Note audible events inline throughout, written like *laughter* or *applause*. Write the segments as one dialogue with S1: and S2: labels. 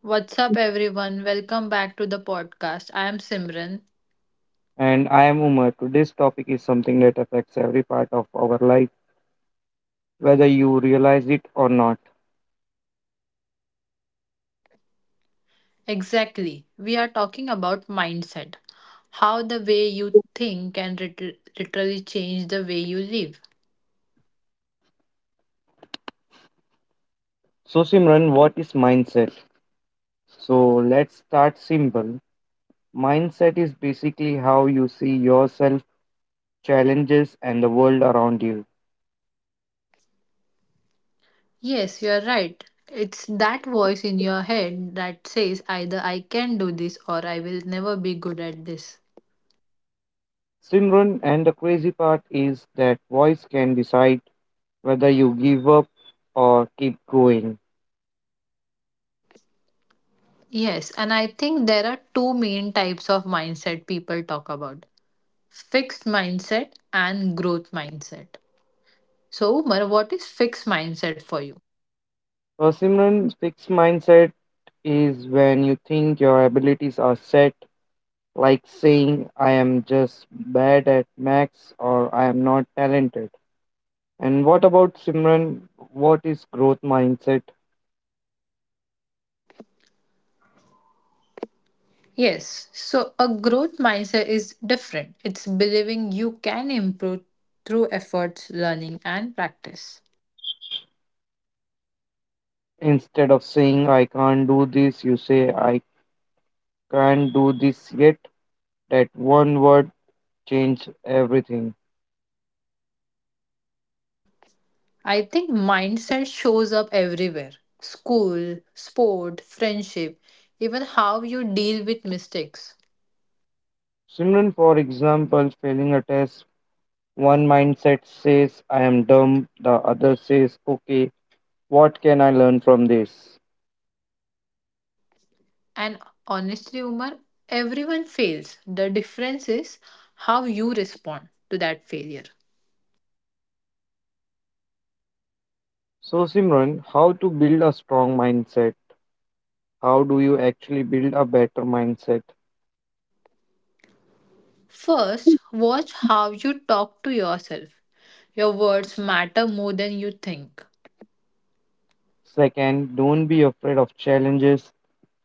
S1: What's up, everyone? Welcome back to the podcast. I am Simran.
S2: And I am Umar. Today's topic is something that affects every part of our life, whether you realize it or not.
S1: Exactly. We are talking about mindset, how the way you think can literally change the way you live.
S2: So, Simran, what is mindset? So, let's start simple. Mindset is basically how you see yourself, challenges, and the world around you.
S1: Yes, you are right. It's that voice in your head that says either I can do this or I will never be good at this.
S2: Simran, and the crazy part is that voice can decide whether you give up or keep going.
S1: Yes, and I think there are two main types of mindset people talk about, fixed mindset and growth mindset. So, Umar, what is fixed mindset for you?
S2: So, Simran, fixed mindset is when you think your abilities are set, like saying I am just bad at max, or I am not talented. And what about Simran? What is growth mindset?
S1: Yes, so a growth mindset is different. It's believing you can improve through efforts, learning, and practice.
S2: Instead of saying I can't do this, you say I can't do this yet. That one word changed everything.
S1: I think mindset shows up everywhere, school, sport, friendship, even how you deal with mistakes.
S2: Simran, for example, failing a test, one mindset says I am dumb, the other says, okay, what can I learn from this?
S1: And honestly, Umar, everyone fails. The difference is how you respond to that failure.
S2: So, Simran, how to build a strong mindset? How do you actually build a better mindset?
S1: First, watch how you talk to yourself. Your words matter more than you think.
S2: Second, don't be afraid of challenges.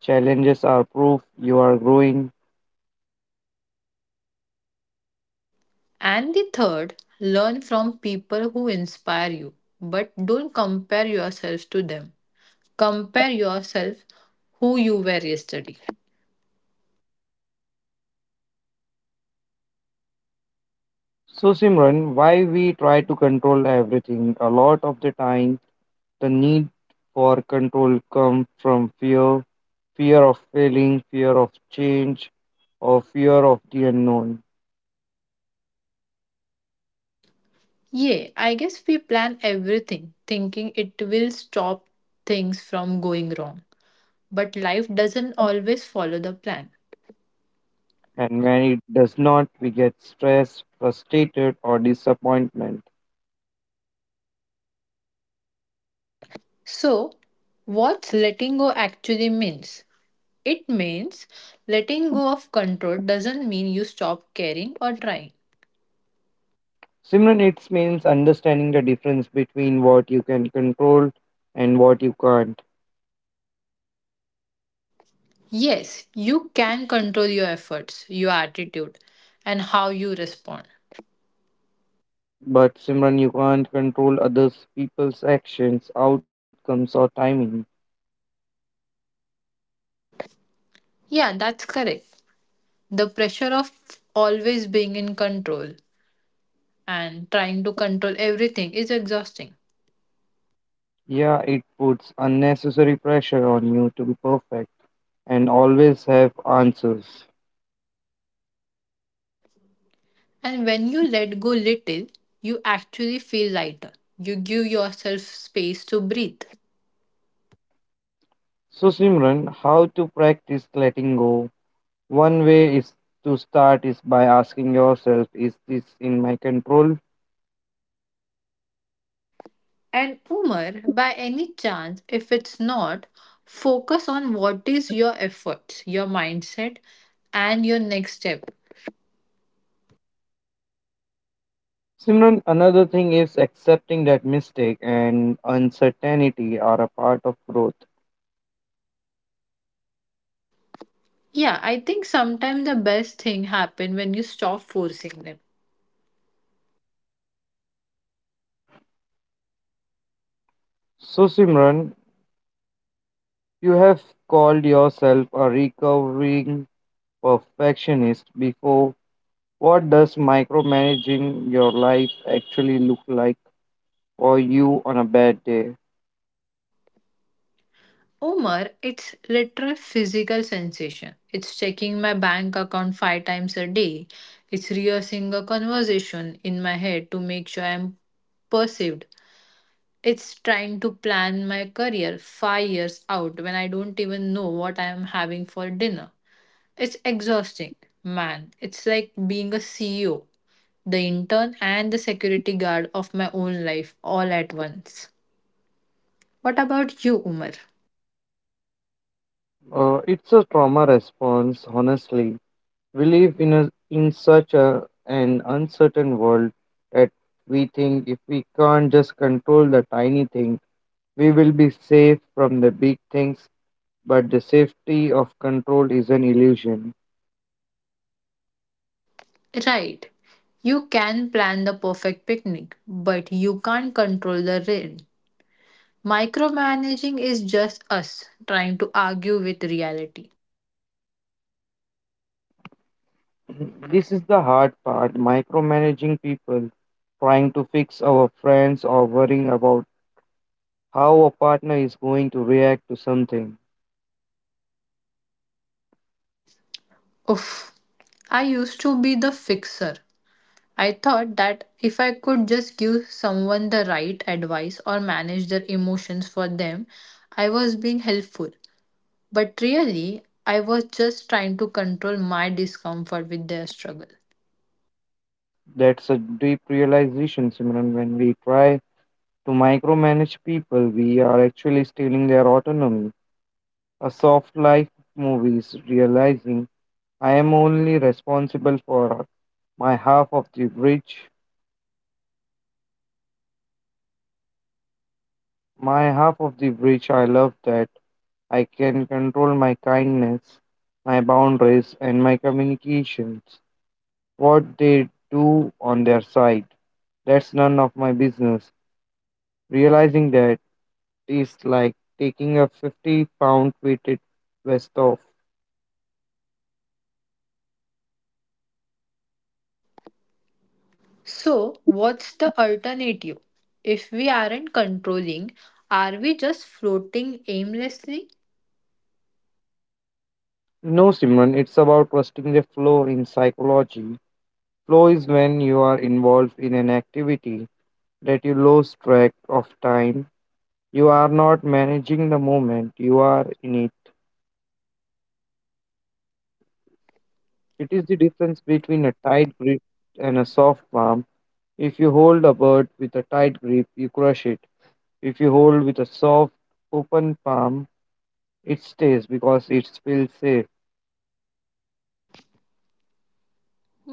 S2: Challenges are proof you are growing.
S1: And the third, learn from people who inspire you, but don't compare yourself to them. Compare yourself who you were yesterday.
S2: So, Simran, why we try to control everything? A lot of the time, the need for control comes from fear, fear of failing, fear of change, or fear of the unknown.
S1: Yeah, I guess we plan everything thinking it will stop things from going wrong, but life doesn't always follow the plan.
S2: And when it does not, we get stressed, frustrated, or disappointment.
S1: So, what's letting go actually means? It means letting go of control doesn't mean you stop caring or trying.
S2: Simran, it means understanding the difference between what you can control and what you can't.
S1: Yes, you can control your efforts, your attitude, and how you respond.
S2: But Simran, you can't control others, people's actions, outcomes, or timing.
S1: Yeah, that's correct. The pressure of always being in control and trying to control everything is exhausting.
S2: Yeah, it puts unnecessary pressure on you to be perfect and always have answers.
S1: And when you let go little, you actually feel lighter. You give yourself space to breathe.
S2: So, Simran, how to practice letting go? One way is to start is by asking yourself, is this in my control?
S1: And Umar, by any chance, if it's not, focus on what is your efforts, your mindset, and your next step.
S2: Simran, another thing is accepting that mistake and uncertainty are a part of growth.
S1: Yeah, I think sometimes the best thing happen when you stop forcing them.
S2: So, Simran, you have called yourself a recovering perfectionist before. What does micromanaging your life actually look like for you on a bad day?
S1: Omar, it's literal physical sensation. It's checking my bank account 5 times a day. It's rehearsing a conversation in my head to make sure I'm perceived. It's trying to plan my career 5 years out when I don't even know what I am having for dinner. It's exhausting, man. It's like being a CEO, the intern, and the security guard of my own life all at once. What about you, Umar?
S2: It's a trauma response, honestly. We live in, in such an uncertain world that we think if we can't just control the tiny thing, we will be safe from the big things, but the safety of control is an illusion.
S1: Right. You can plan the perfect picnic, but you can't control the rain. Micromanaging is just us trying to argue with reality.
S2: *clears throat* This is the hard part, micromanaging people, trying to fix our friends, or worrying about how a partner is going to react to something.
S1: Oof. I used to be the fixer. I thought that if I could just give someone the right advice or manage their emotions for them, I was being helpful. But really, I was just trying to control my discomfort with their struggle.
S2: That's a deep realization, Simran. When we try to micromanage people, we are actually stealing their autonomy. A soft life movie is realizing I am only responsible for my half of the bridge. My half of the bridge, I love that. I can control my kindness, my boundaries, and my communications. What they do on their side, that's none of my business. Realizing that is like taking a 50-pound weighted vest off.
S1: So, what's the alternative? If we aren't controlling, are we just floating aimlessly?
S2: No, Simran, it's about trusting the flow in psychology. Flow is when you are involved in an activity that you lose track of time. You are not managing the moment, you are in. It is the difference between a tight grip and a soft palm. If you hold a bird with a tight grip, you crush it. If you hold with a soft, open palm, it stays because it feels safe.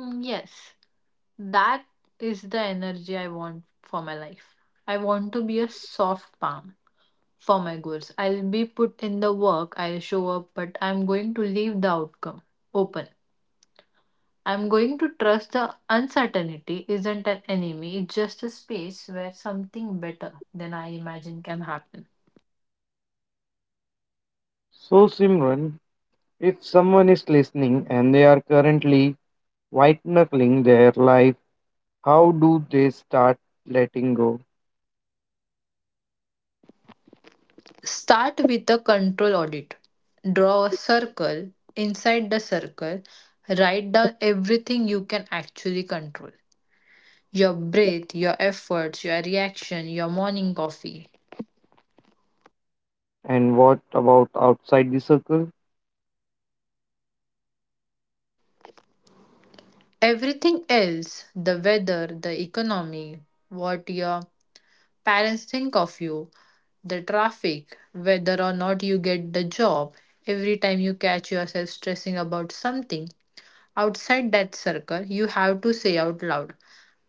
S1: Mm, yes, that is the energy I want for my life. I want to be a soft palm for my goals. I'll be put in the work, I'll show up, but I'm going to leave the outcome open. I'm going to trust the uncertainty isn't an enemy, it's just a space where something better than I imagine can happen.
S2: So, Simran, if someone is listening and they are currently white knuckling their life, how do they start letting go?
S1: Start with the control audit. Draw a circle. Inside the circle, write down everything you can actually control, your breath, your efforts, your reaction, your morning coffee.
S2: And what about outside the circle?
S1: Everything else, the weather, the economy, what your parents think of you, the traffic, whether or not you get the job, every time you catch yourself stressing about something outside that circle, you have to say out loud,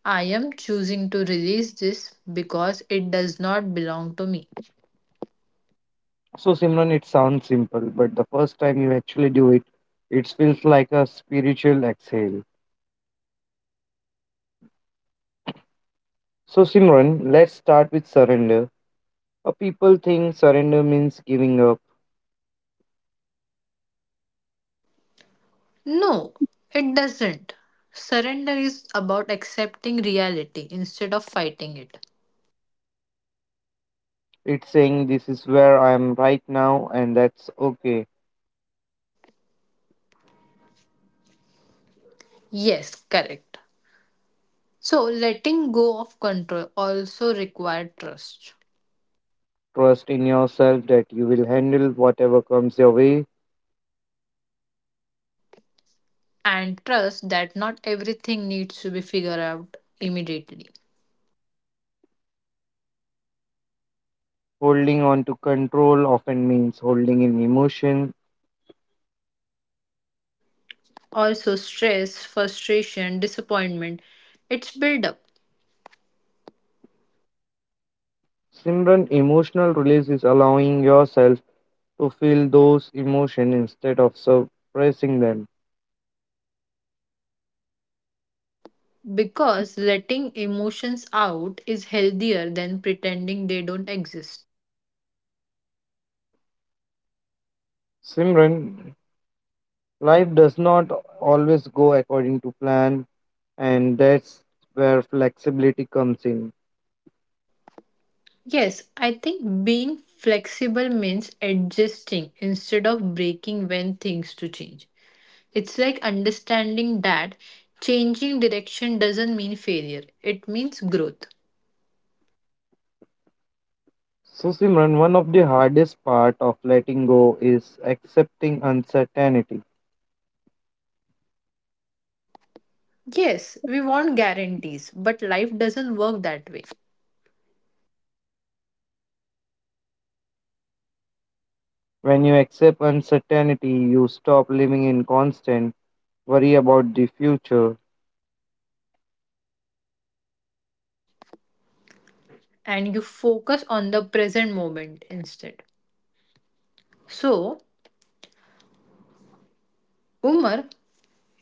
S1: I am choosing to release this because it does not belong to me.
S2: So, Simran, it sounds simple, but the first time you actually do it, it feels like a spiritual exhale. So, Simran, let's start with surrender. A people think surrender means giving up.
S1: No, it doesn't. Surrender is about accepting reality instead of fighting it.
S2: It's saying this is where I am right now and that's okay.
S1: Yes, correct. So, letting go of control also requires trust.
S2: Trust in yourself that you will handle whatever comes your way.
S1: And trust that not everything needs to be figured out immediately.
S2: Holding on to control often means holding in emotion.
S1: Also, stress, frustration, disappointment, it's build up.
S2: Simran, emotional release is allowing yourself to feel those emotions instead of suppressing them.
S1: Because letting emotions out is healthier than pretending they don't exist.
S2: Simran, life does not always go according to plan, and that's where flexibility comes in.
S1: Yes, I think being flexible means adjusting instead of breaking when things to change. It's like understanding that changing direction doesn't mean failure, it means growth.
S2: So, Simran, one of the hardest part of letting go is accepting uncertainty.
S1: Yes, we want guarantees, but life doesn't work that way.
S2: When you accept uncertainty, you stop living in constant worry about the future.
S1: And you focus on the present moment instead. So, Umar,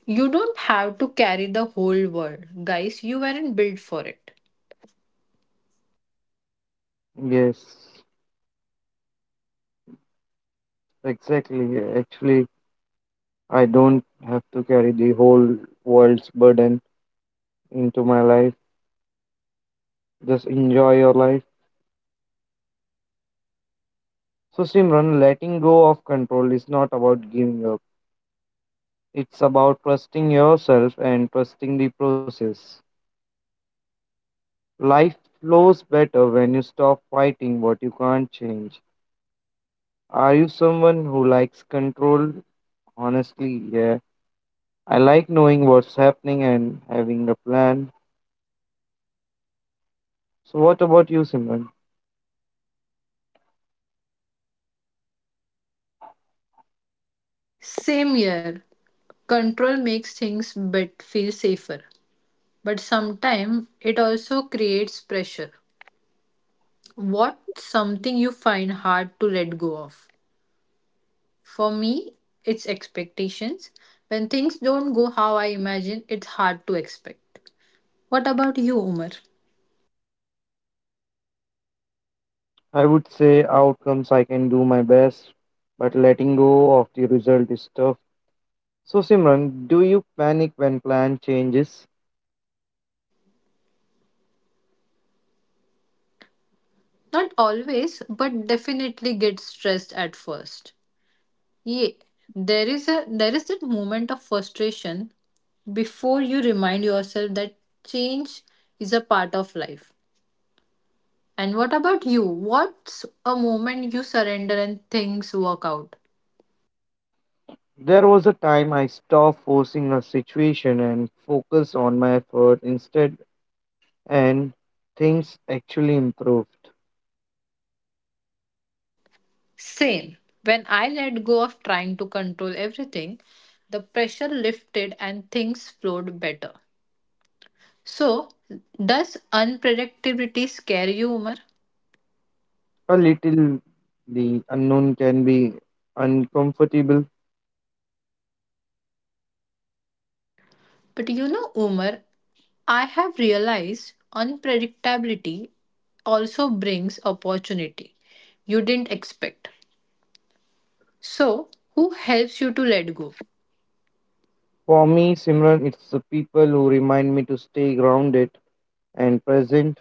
S1: you don't have to carry the whole world, guys. You weren't built for it.
S2: Yes, exactly. Actually, I don't have to carry the whole world's burden into my life. Just enjoy your life. So, Simran, letting go of control is not about giving up. It's about trusting yourself and trusting the process. Life flows better when you stop fighting what you can't change. Are you someone who likes control? Honestly, yeah. I like knowing what's happening and having a plan. So, what about you, Simran?
S1: Same year, control makes things but feel safer. But sometimes it also creates pressure. What's something you find hard to let go of? For me, it's expectations. When things don't go how I imagine, it's hard to expect. What about you, Umar?
S2: I would say outcomes. I can do my best, but letting go of the result is tough. So, Simran, do you panic when plan changes?
S1: Not always, but definitely get stressed at first. Yeah, there is that moment of frustration before you remind yourself that change is a part of life. And what about you? What's a moment you surrender and things work out?
S2: There was a time I stopped forcing a situation and focused on my effort instead, and things actually improved.
S1: Same. When I let go of trying to control everything, the pressure lifted and things flowed better. So, does unpredictability scare you, Umar?
S2: A little, the unknown can be uncomfortable.
S1: But you know, Umar, I have realized unpredictability also brings opportunity you didn't expect. So, who helps you to let go?
S2: For me, Simran, it's the people who remind me to stay grounded and present.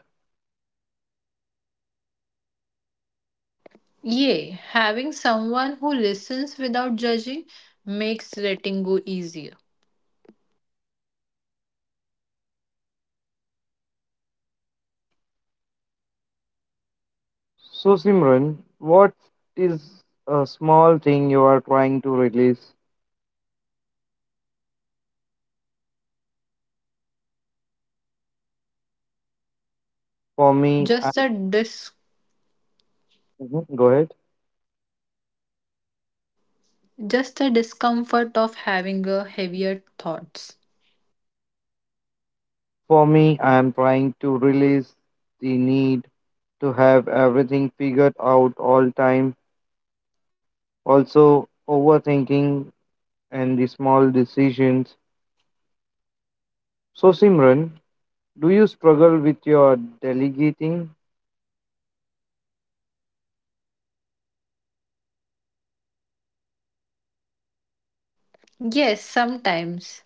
S1: Yay, having someone who listens without judging makes letting go easier.
S2: So, Simran, what is a small thing you are trying to release? For me, I—
S1: Just the dis-
S2: Mhm, go ahead.
S1: just the discomfort of having a heavier thoughts.
S2: For me, I am trying to release the need to have everything figured out all time. Also, overthinking and the small decisions. So, Simran, do you struggle with your delegating?
S1: Yes, sometimes.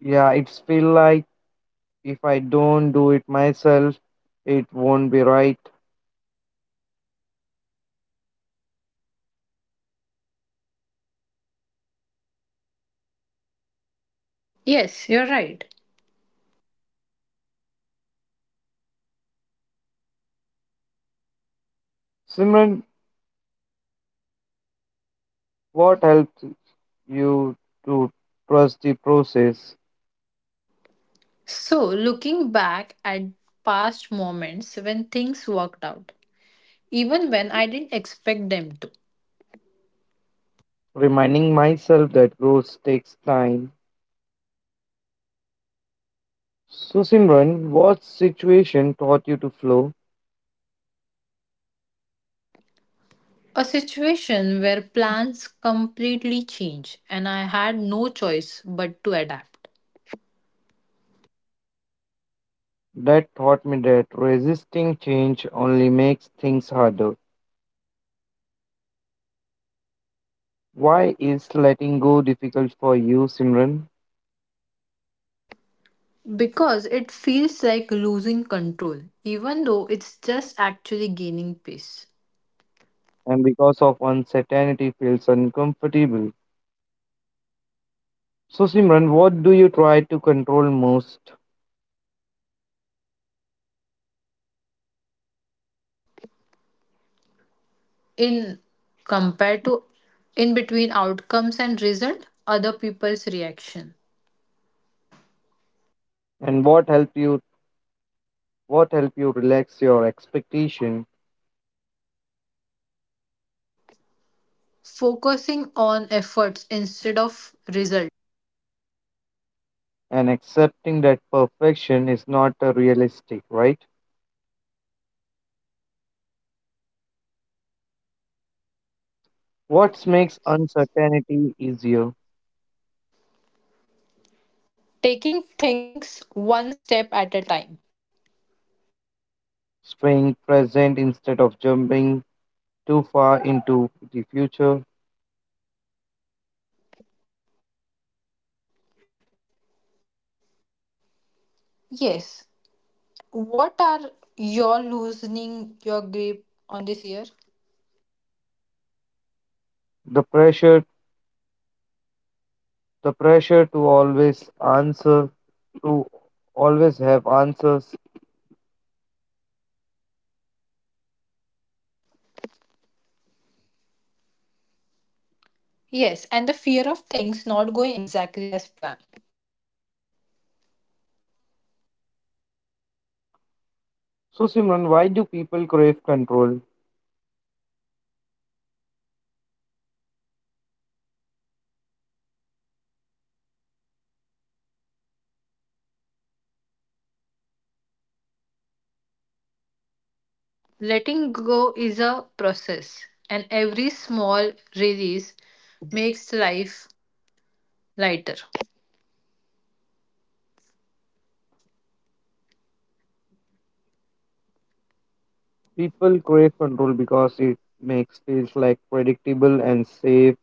S2: Yeah, it's feel like if I don't do it myself, it won't be right.
S1: Yes, you're right.
S2: Simran, what helped you to trust the process?
S1: So, looking back at past moments when things worked out, even when I didn't expect them to.
S2: Reminding myself that growth takes time. So, Simran, what situation taught you to flow?
S1: A situation where plans completely change and I had no choice but to adapt.
S2: That taught me that resisting change only makes things harder. Why is letting go difficult for you, Simran?
S1: Because it feels like losing control, even though it's just actually gaining peace.
S2: And because of uncertainty feels uncomfortable. So, Simran, what do you try to control most?
S1: In compared to in between outcomes and result, other people's reaction.
S2: And what help you relax your expectation,
S1: Focusing on efforts instead of result.
S2: and accepting that perfection is not realistic, right? What makes uncertainty easier?
S1: Taking things one step at a time.
S2: Staying present instead of jumping too far into the future.
S1: Yes, what are your loosening your grip on this year?
S2: The pressure the pressure to always answer, to always have answers.
S1: Yes, and the fear of things not going exactly as planned.
S2: So, Simran, why do people crave control?
S1: Letting go is a process, and every small release makes life lighter.
S2: People crave control because it makes feels like predictable and safe.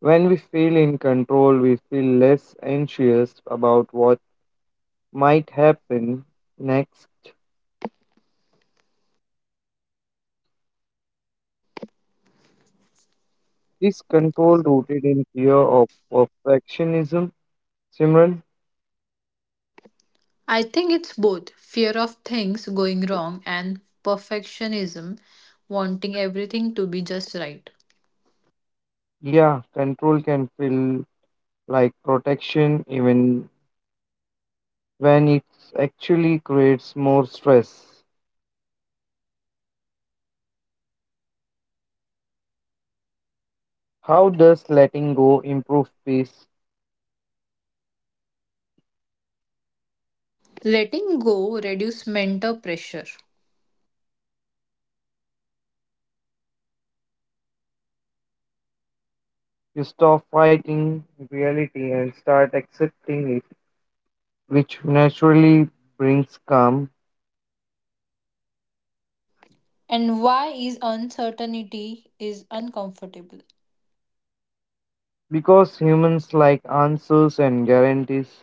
S2: When we feel in control we feel less anxious about what might happen next. Is control rooted in fear of perfectionism, Simran?
S1: I think it's both fear of things going wrong and perfectionism, wanting everything to be just right.
S2: Yeah, control can feel like protection even when it actually creates more stress. How does letting go improve peace?
S1: Letting go reduces mental pressure.
S2: You stop fighting reality and start accepting it, which naturally brings calm,
S1: And why is uncertainty is uncomfortable?
S2: because humans like answers and guarantees.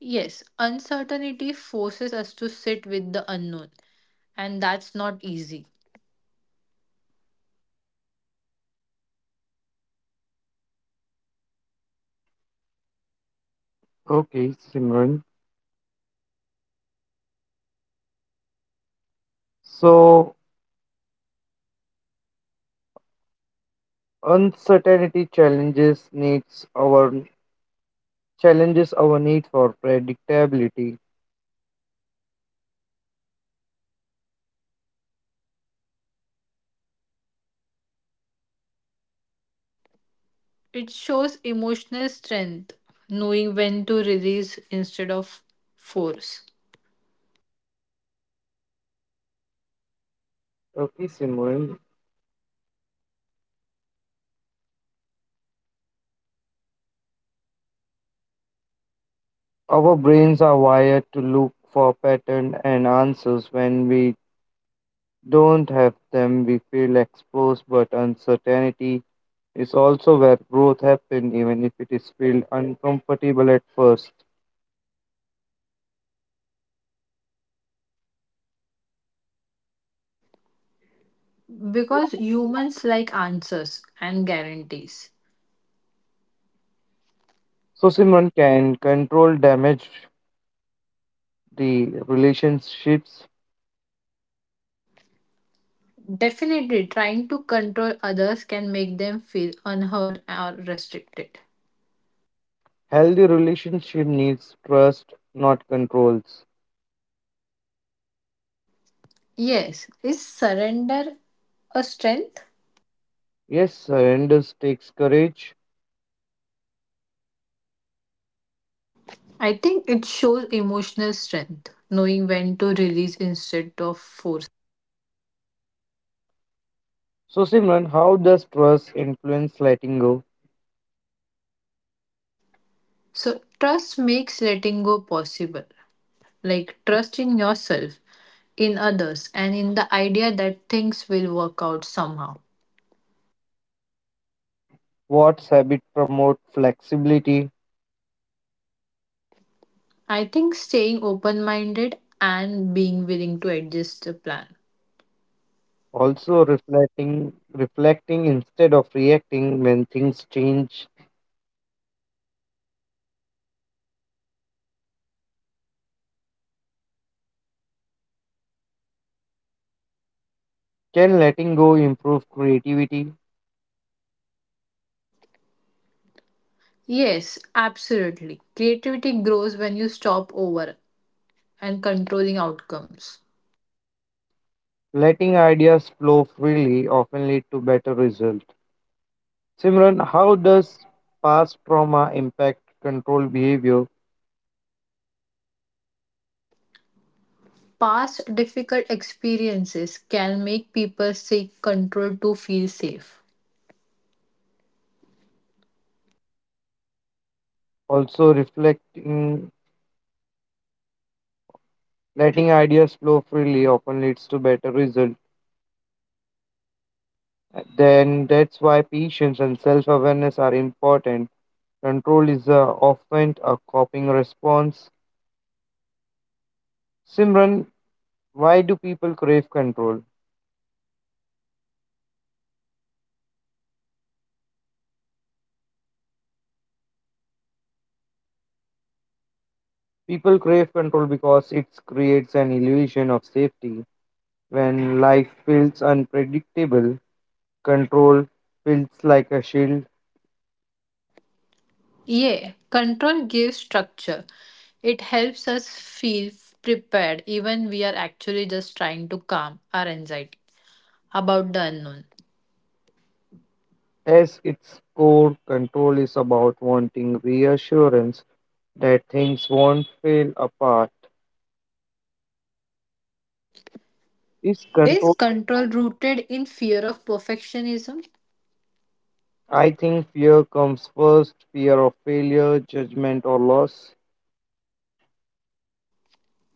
S1: Yes, uncertainty forces us to sit with the unknown, and that's not easy.
S2: Okay, Simran. So uncertainty challenges needs our challenges our need for predictability.
S1: It shows emotional strength, knowing when to release instead of force.
S2: Okay, Simran. Our brains are wired to look for patterns and answers. When we don't have them, we feel exposed, but uncertainty is also where growth happens, even if it is feel uncomfortable at first.
S1: Because humans like answers and guarantees.
S2: So, Simon can control damage the relationships.
S1: Definitely, trying to control others can make them feel unheard or restricted.
S2: Healthy relationship needs trust, not controls.
S1: Yes, is surrender a strength?
S2: Yes, surrender takes courage.
S1: I think it shows emotional strength, knowing when to release instead of force.
S2: So, Simran, how does trust influence letting go?
S1: So, trust makes letting go possible. Like, trust in yourself, in others, and in the idea that things will work out somehow.
S2: Watts habit promote flexibility,
S1: I think staying open minded and being willing to adjust the plan.
S2: also reflecting instead of reacting when things change. Can letting go improve creativity?
S1: Yes, absolutely. Creativity grows when you stop over and controlling outcomes.
S2: Letting ideas flow freely often lead to better results. Simran, how does past trauma impact control behavior?
S1: Past difficult experiences can make people seek control to feel safe.
S2: Also reflecting, letting ideas flow freely often leads to better results. Then that's why patience and self-awareness are important. Control is often a coping response. Simran, why do people crave control? People crave control because it creates an illusion of safety. When life feels unpredictable, control feels like a shield.
S1: Yeah, control gives structure. It helps us feel prepared even we are actually just trying to calm our anxiety about the unknown.
S2: As its core, control is about wanting reassurance that things won't fall apart. Is
S1: Is
S2: control?
S1: control rooted in fear of perfectionism?
S2: I think fear comes first, fear of failure, judgment, or loss.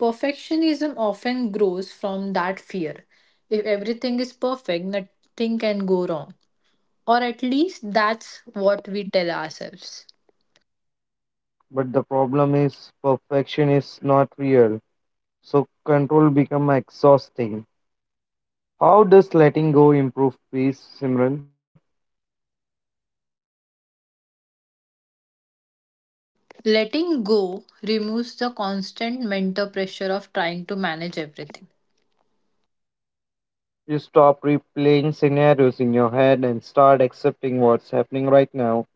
S1: Perfectionism often grows from that fear. If everything is perfect, nothing can go wrong. Or at least that's what we tell ourselves.
S2: But the problem is perfection is not real, so control become exhausting. How does letting go improve peace, Simran?
S1: Letting go removes the constant mental pressure of trying to manage everything.
S2: You stop replaying scenarios in your head and start accepting what's happening right now.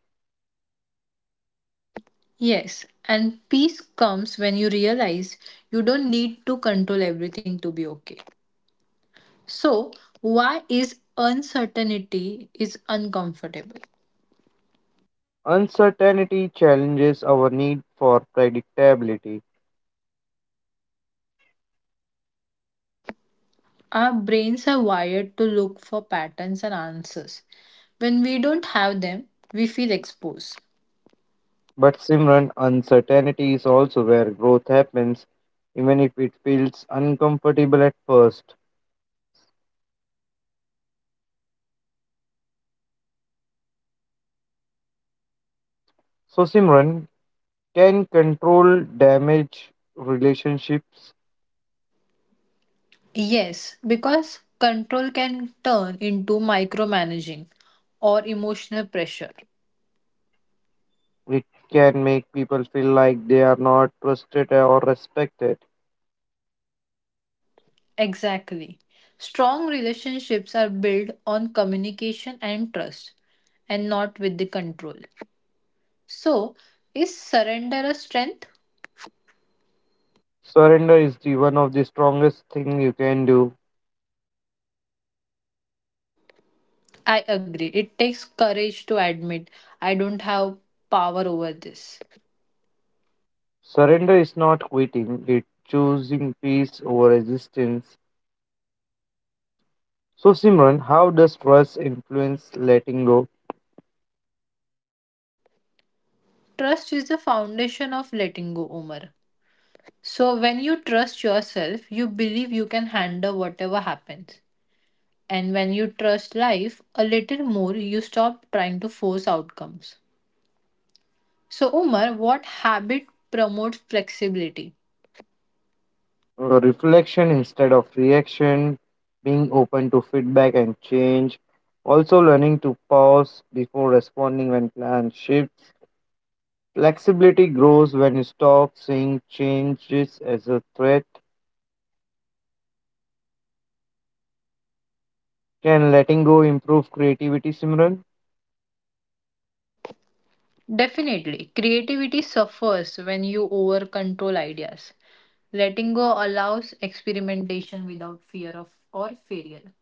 S1: Yes, and peace comes when you realize you don't need to control everything to be okay. So, why is uncertainty is uncomfortable?
S2: Uncertainty challenges our need for predictability.
S1: Our brains are wired to look for patterns and answers. When we don't have them, we feel exposed.
S2: But Simran, uncertainty is also where growth happens, even if it feels uncomfortable at first. So Simran, can control damage relationships?
S1: Yes, because control can turn into micromanaging or emotional pressure.
S2: Which can make people feel like they are not trusted or respected.
S1: Exactly. Strong relationships are built on communication and trust and not with the control. So, is surrender a strength?
S2: Surrender is the one of the strongest thing you can do.
S1: I agree. It takes courage to admit I don't have power over this.
S2: Surrender is not quitting, it's choosing peace over resistance. So Simran, how does trust influence letting go?
S1: Trust is the foundation of letting go, Omar. So, when you trust yourself, you believe you can handle whatever happens. And when you trust life a little more, you stop trying to force outcomes. So, Umar, what habit promotes flexibility?
S2: Reflection instead of reaction, being open to feedback and change, also learning to pause before responding when plans shift. Flexibility grows when you stop seeing changes as a threat. Can letting go improve creativity, Simran?
S1: Definitely, creativity suffers when you over control ideas. Letting go allows experimentation without fear of or failure.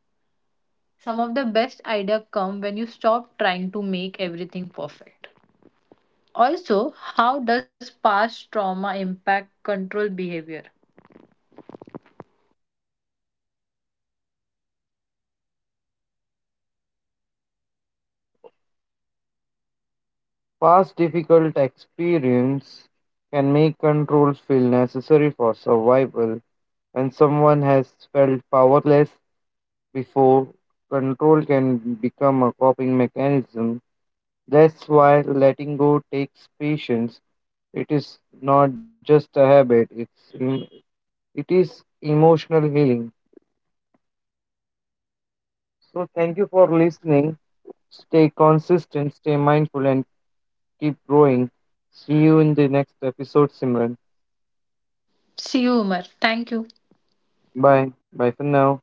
S1: Some of the best ideas come when you stop trying to make everything perfect. Also, how does past trauma impact control behavior?
S2: Past difficult experience can make control feel necessary for survival. When someone has felt powerless before, control can become a coping mechanism. That's why letting go takes patience. It is not just a habit, it is emotional healing. So, thank you for listening. Stay consistent, stay mindful, and keep growing. See you in the next episode, Simran.
S1: See you, Umar. Thank you.
S2: Bye. Bye for now.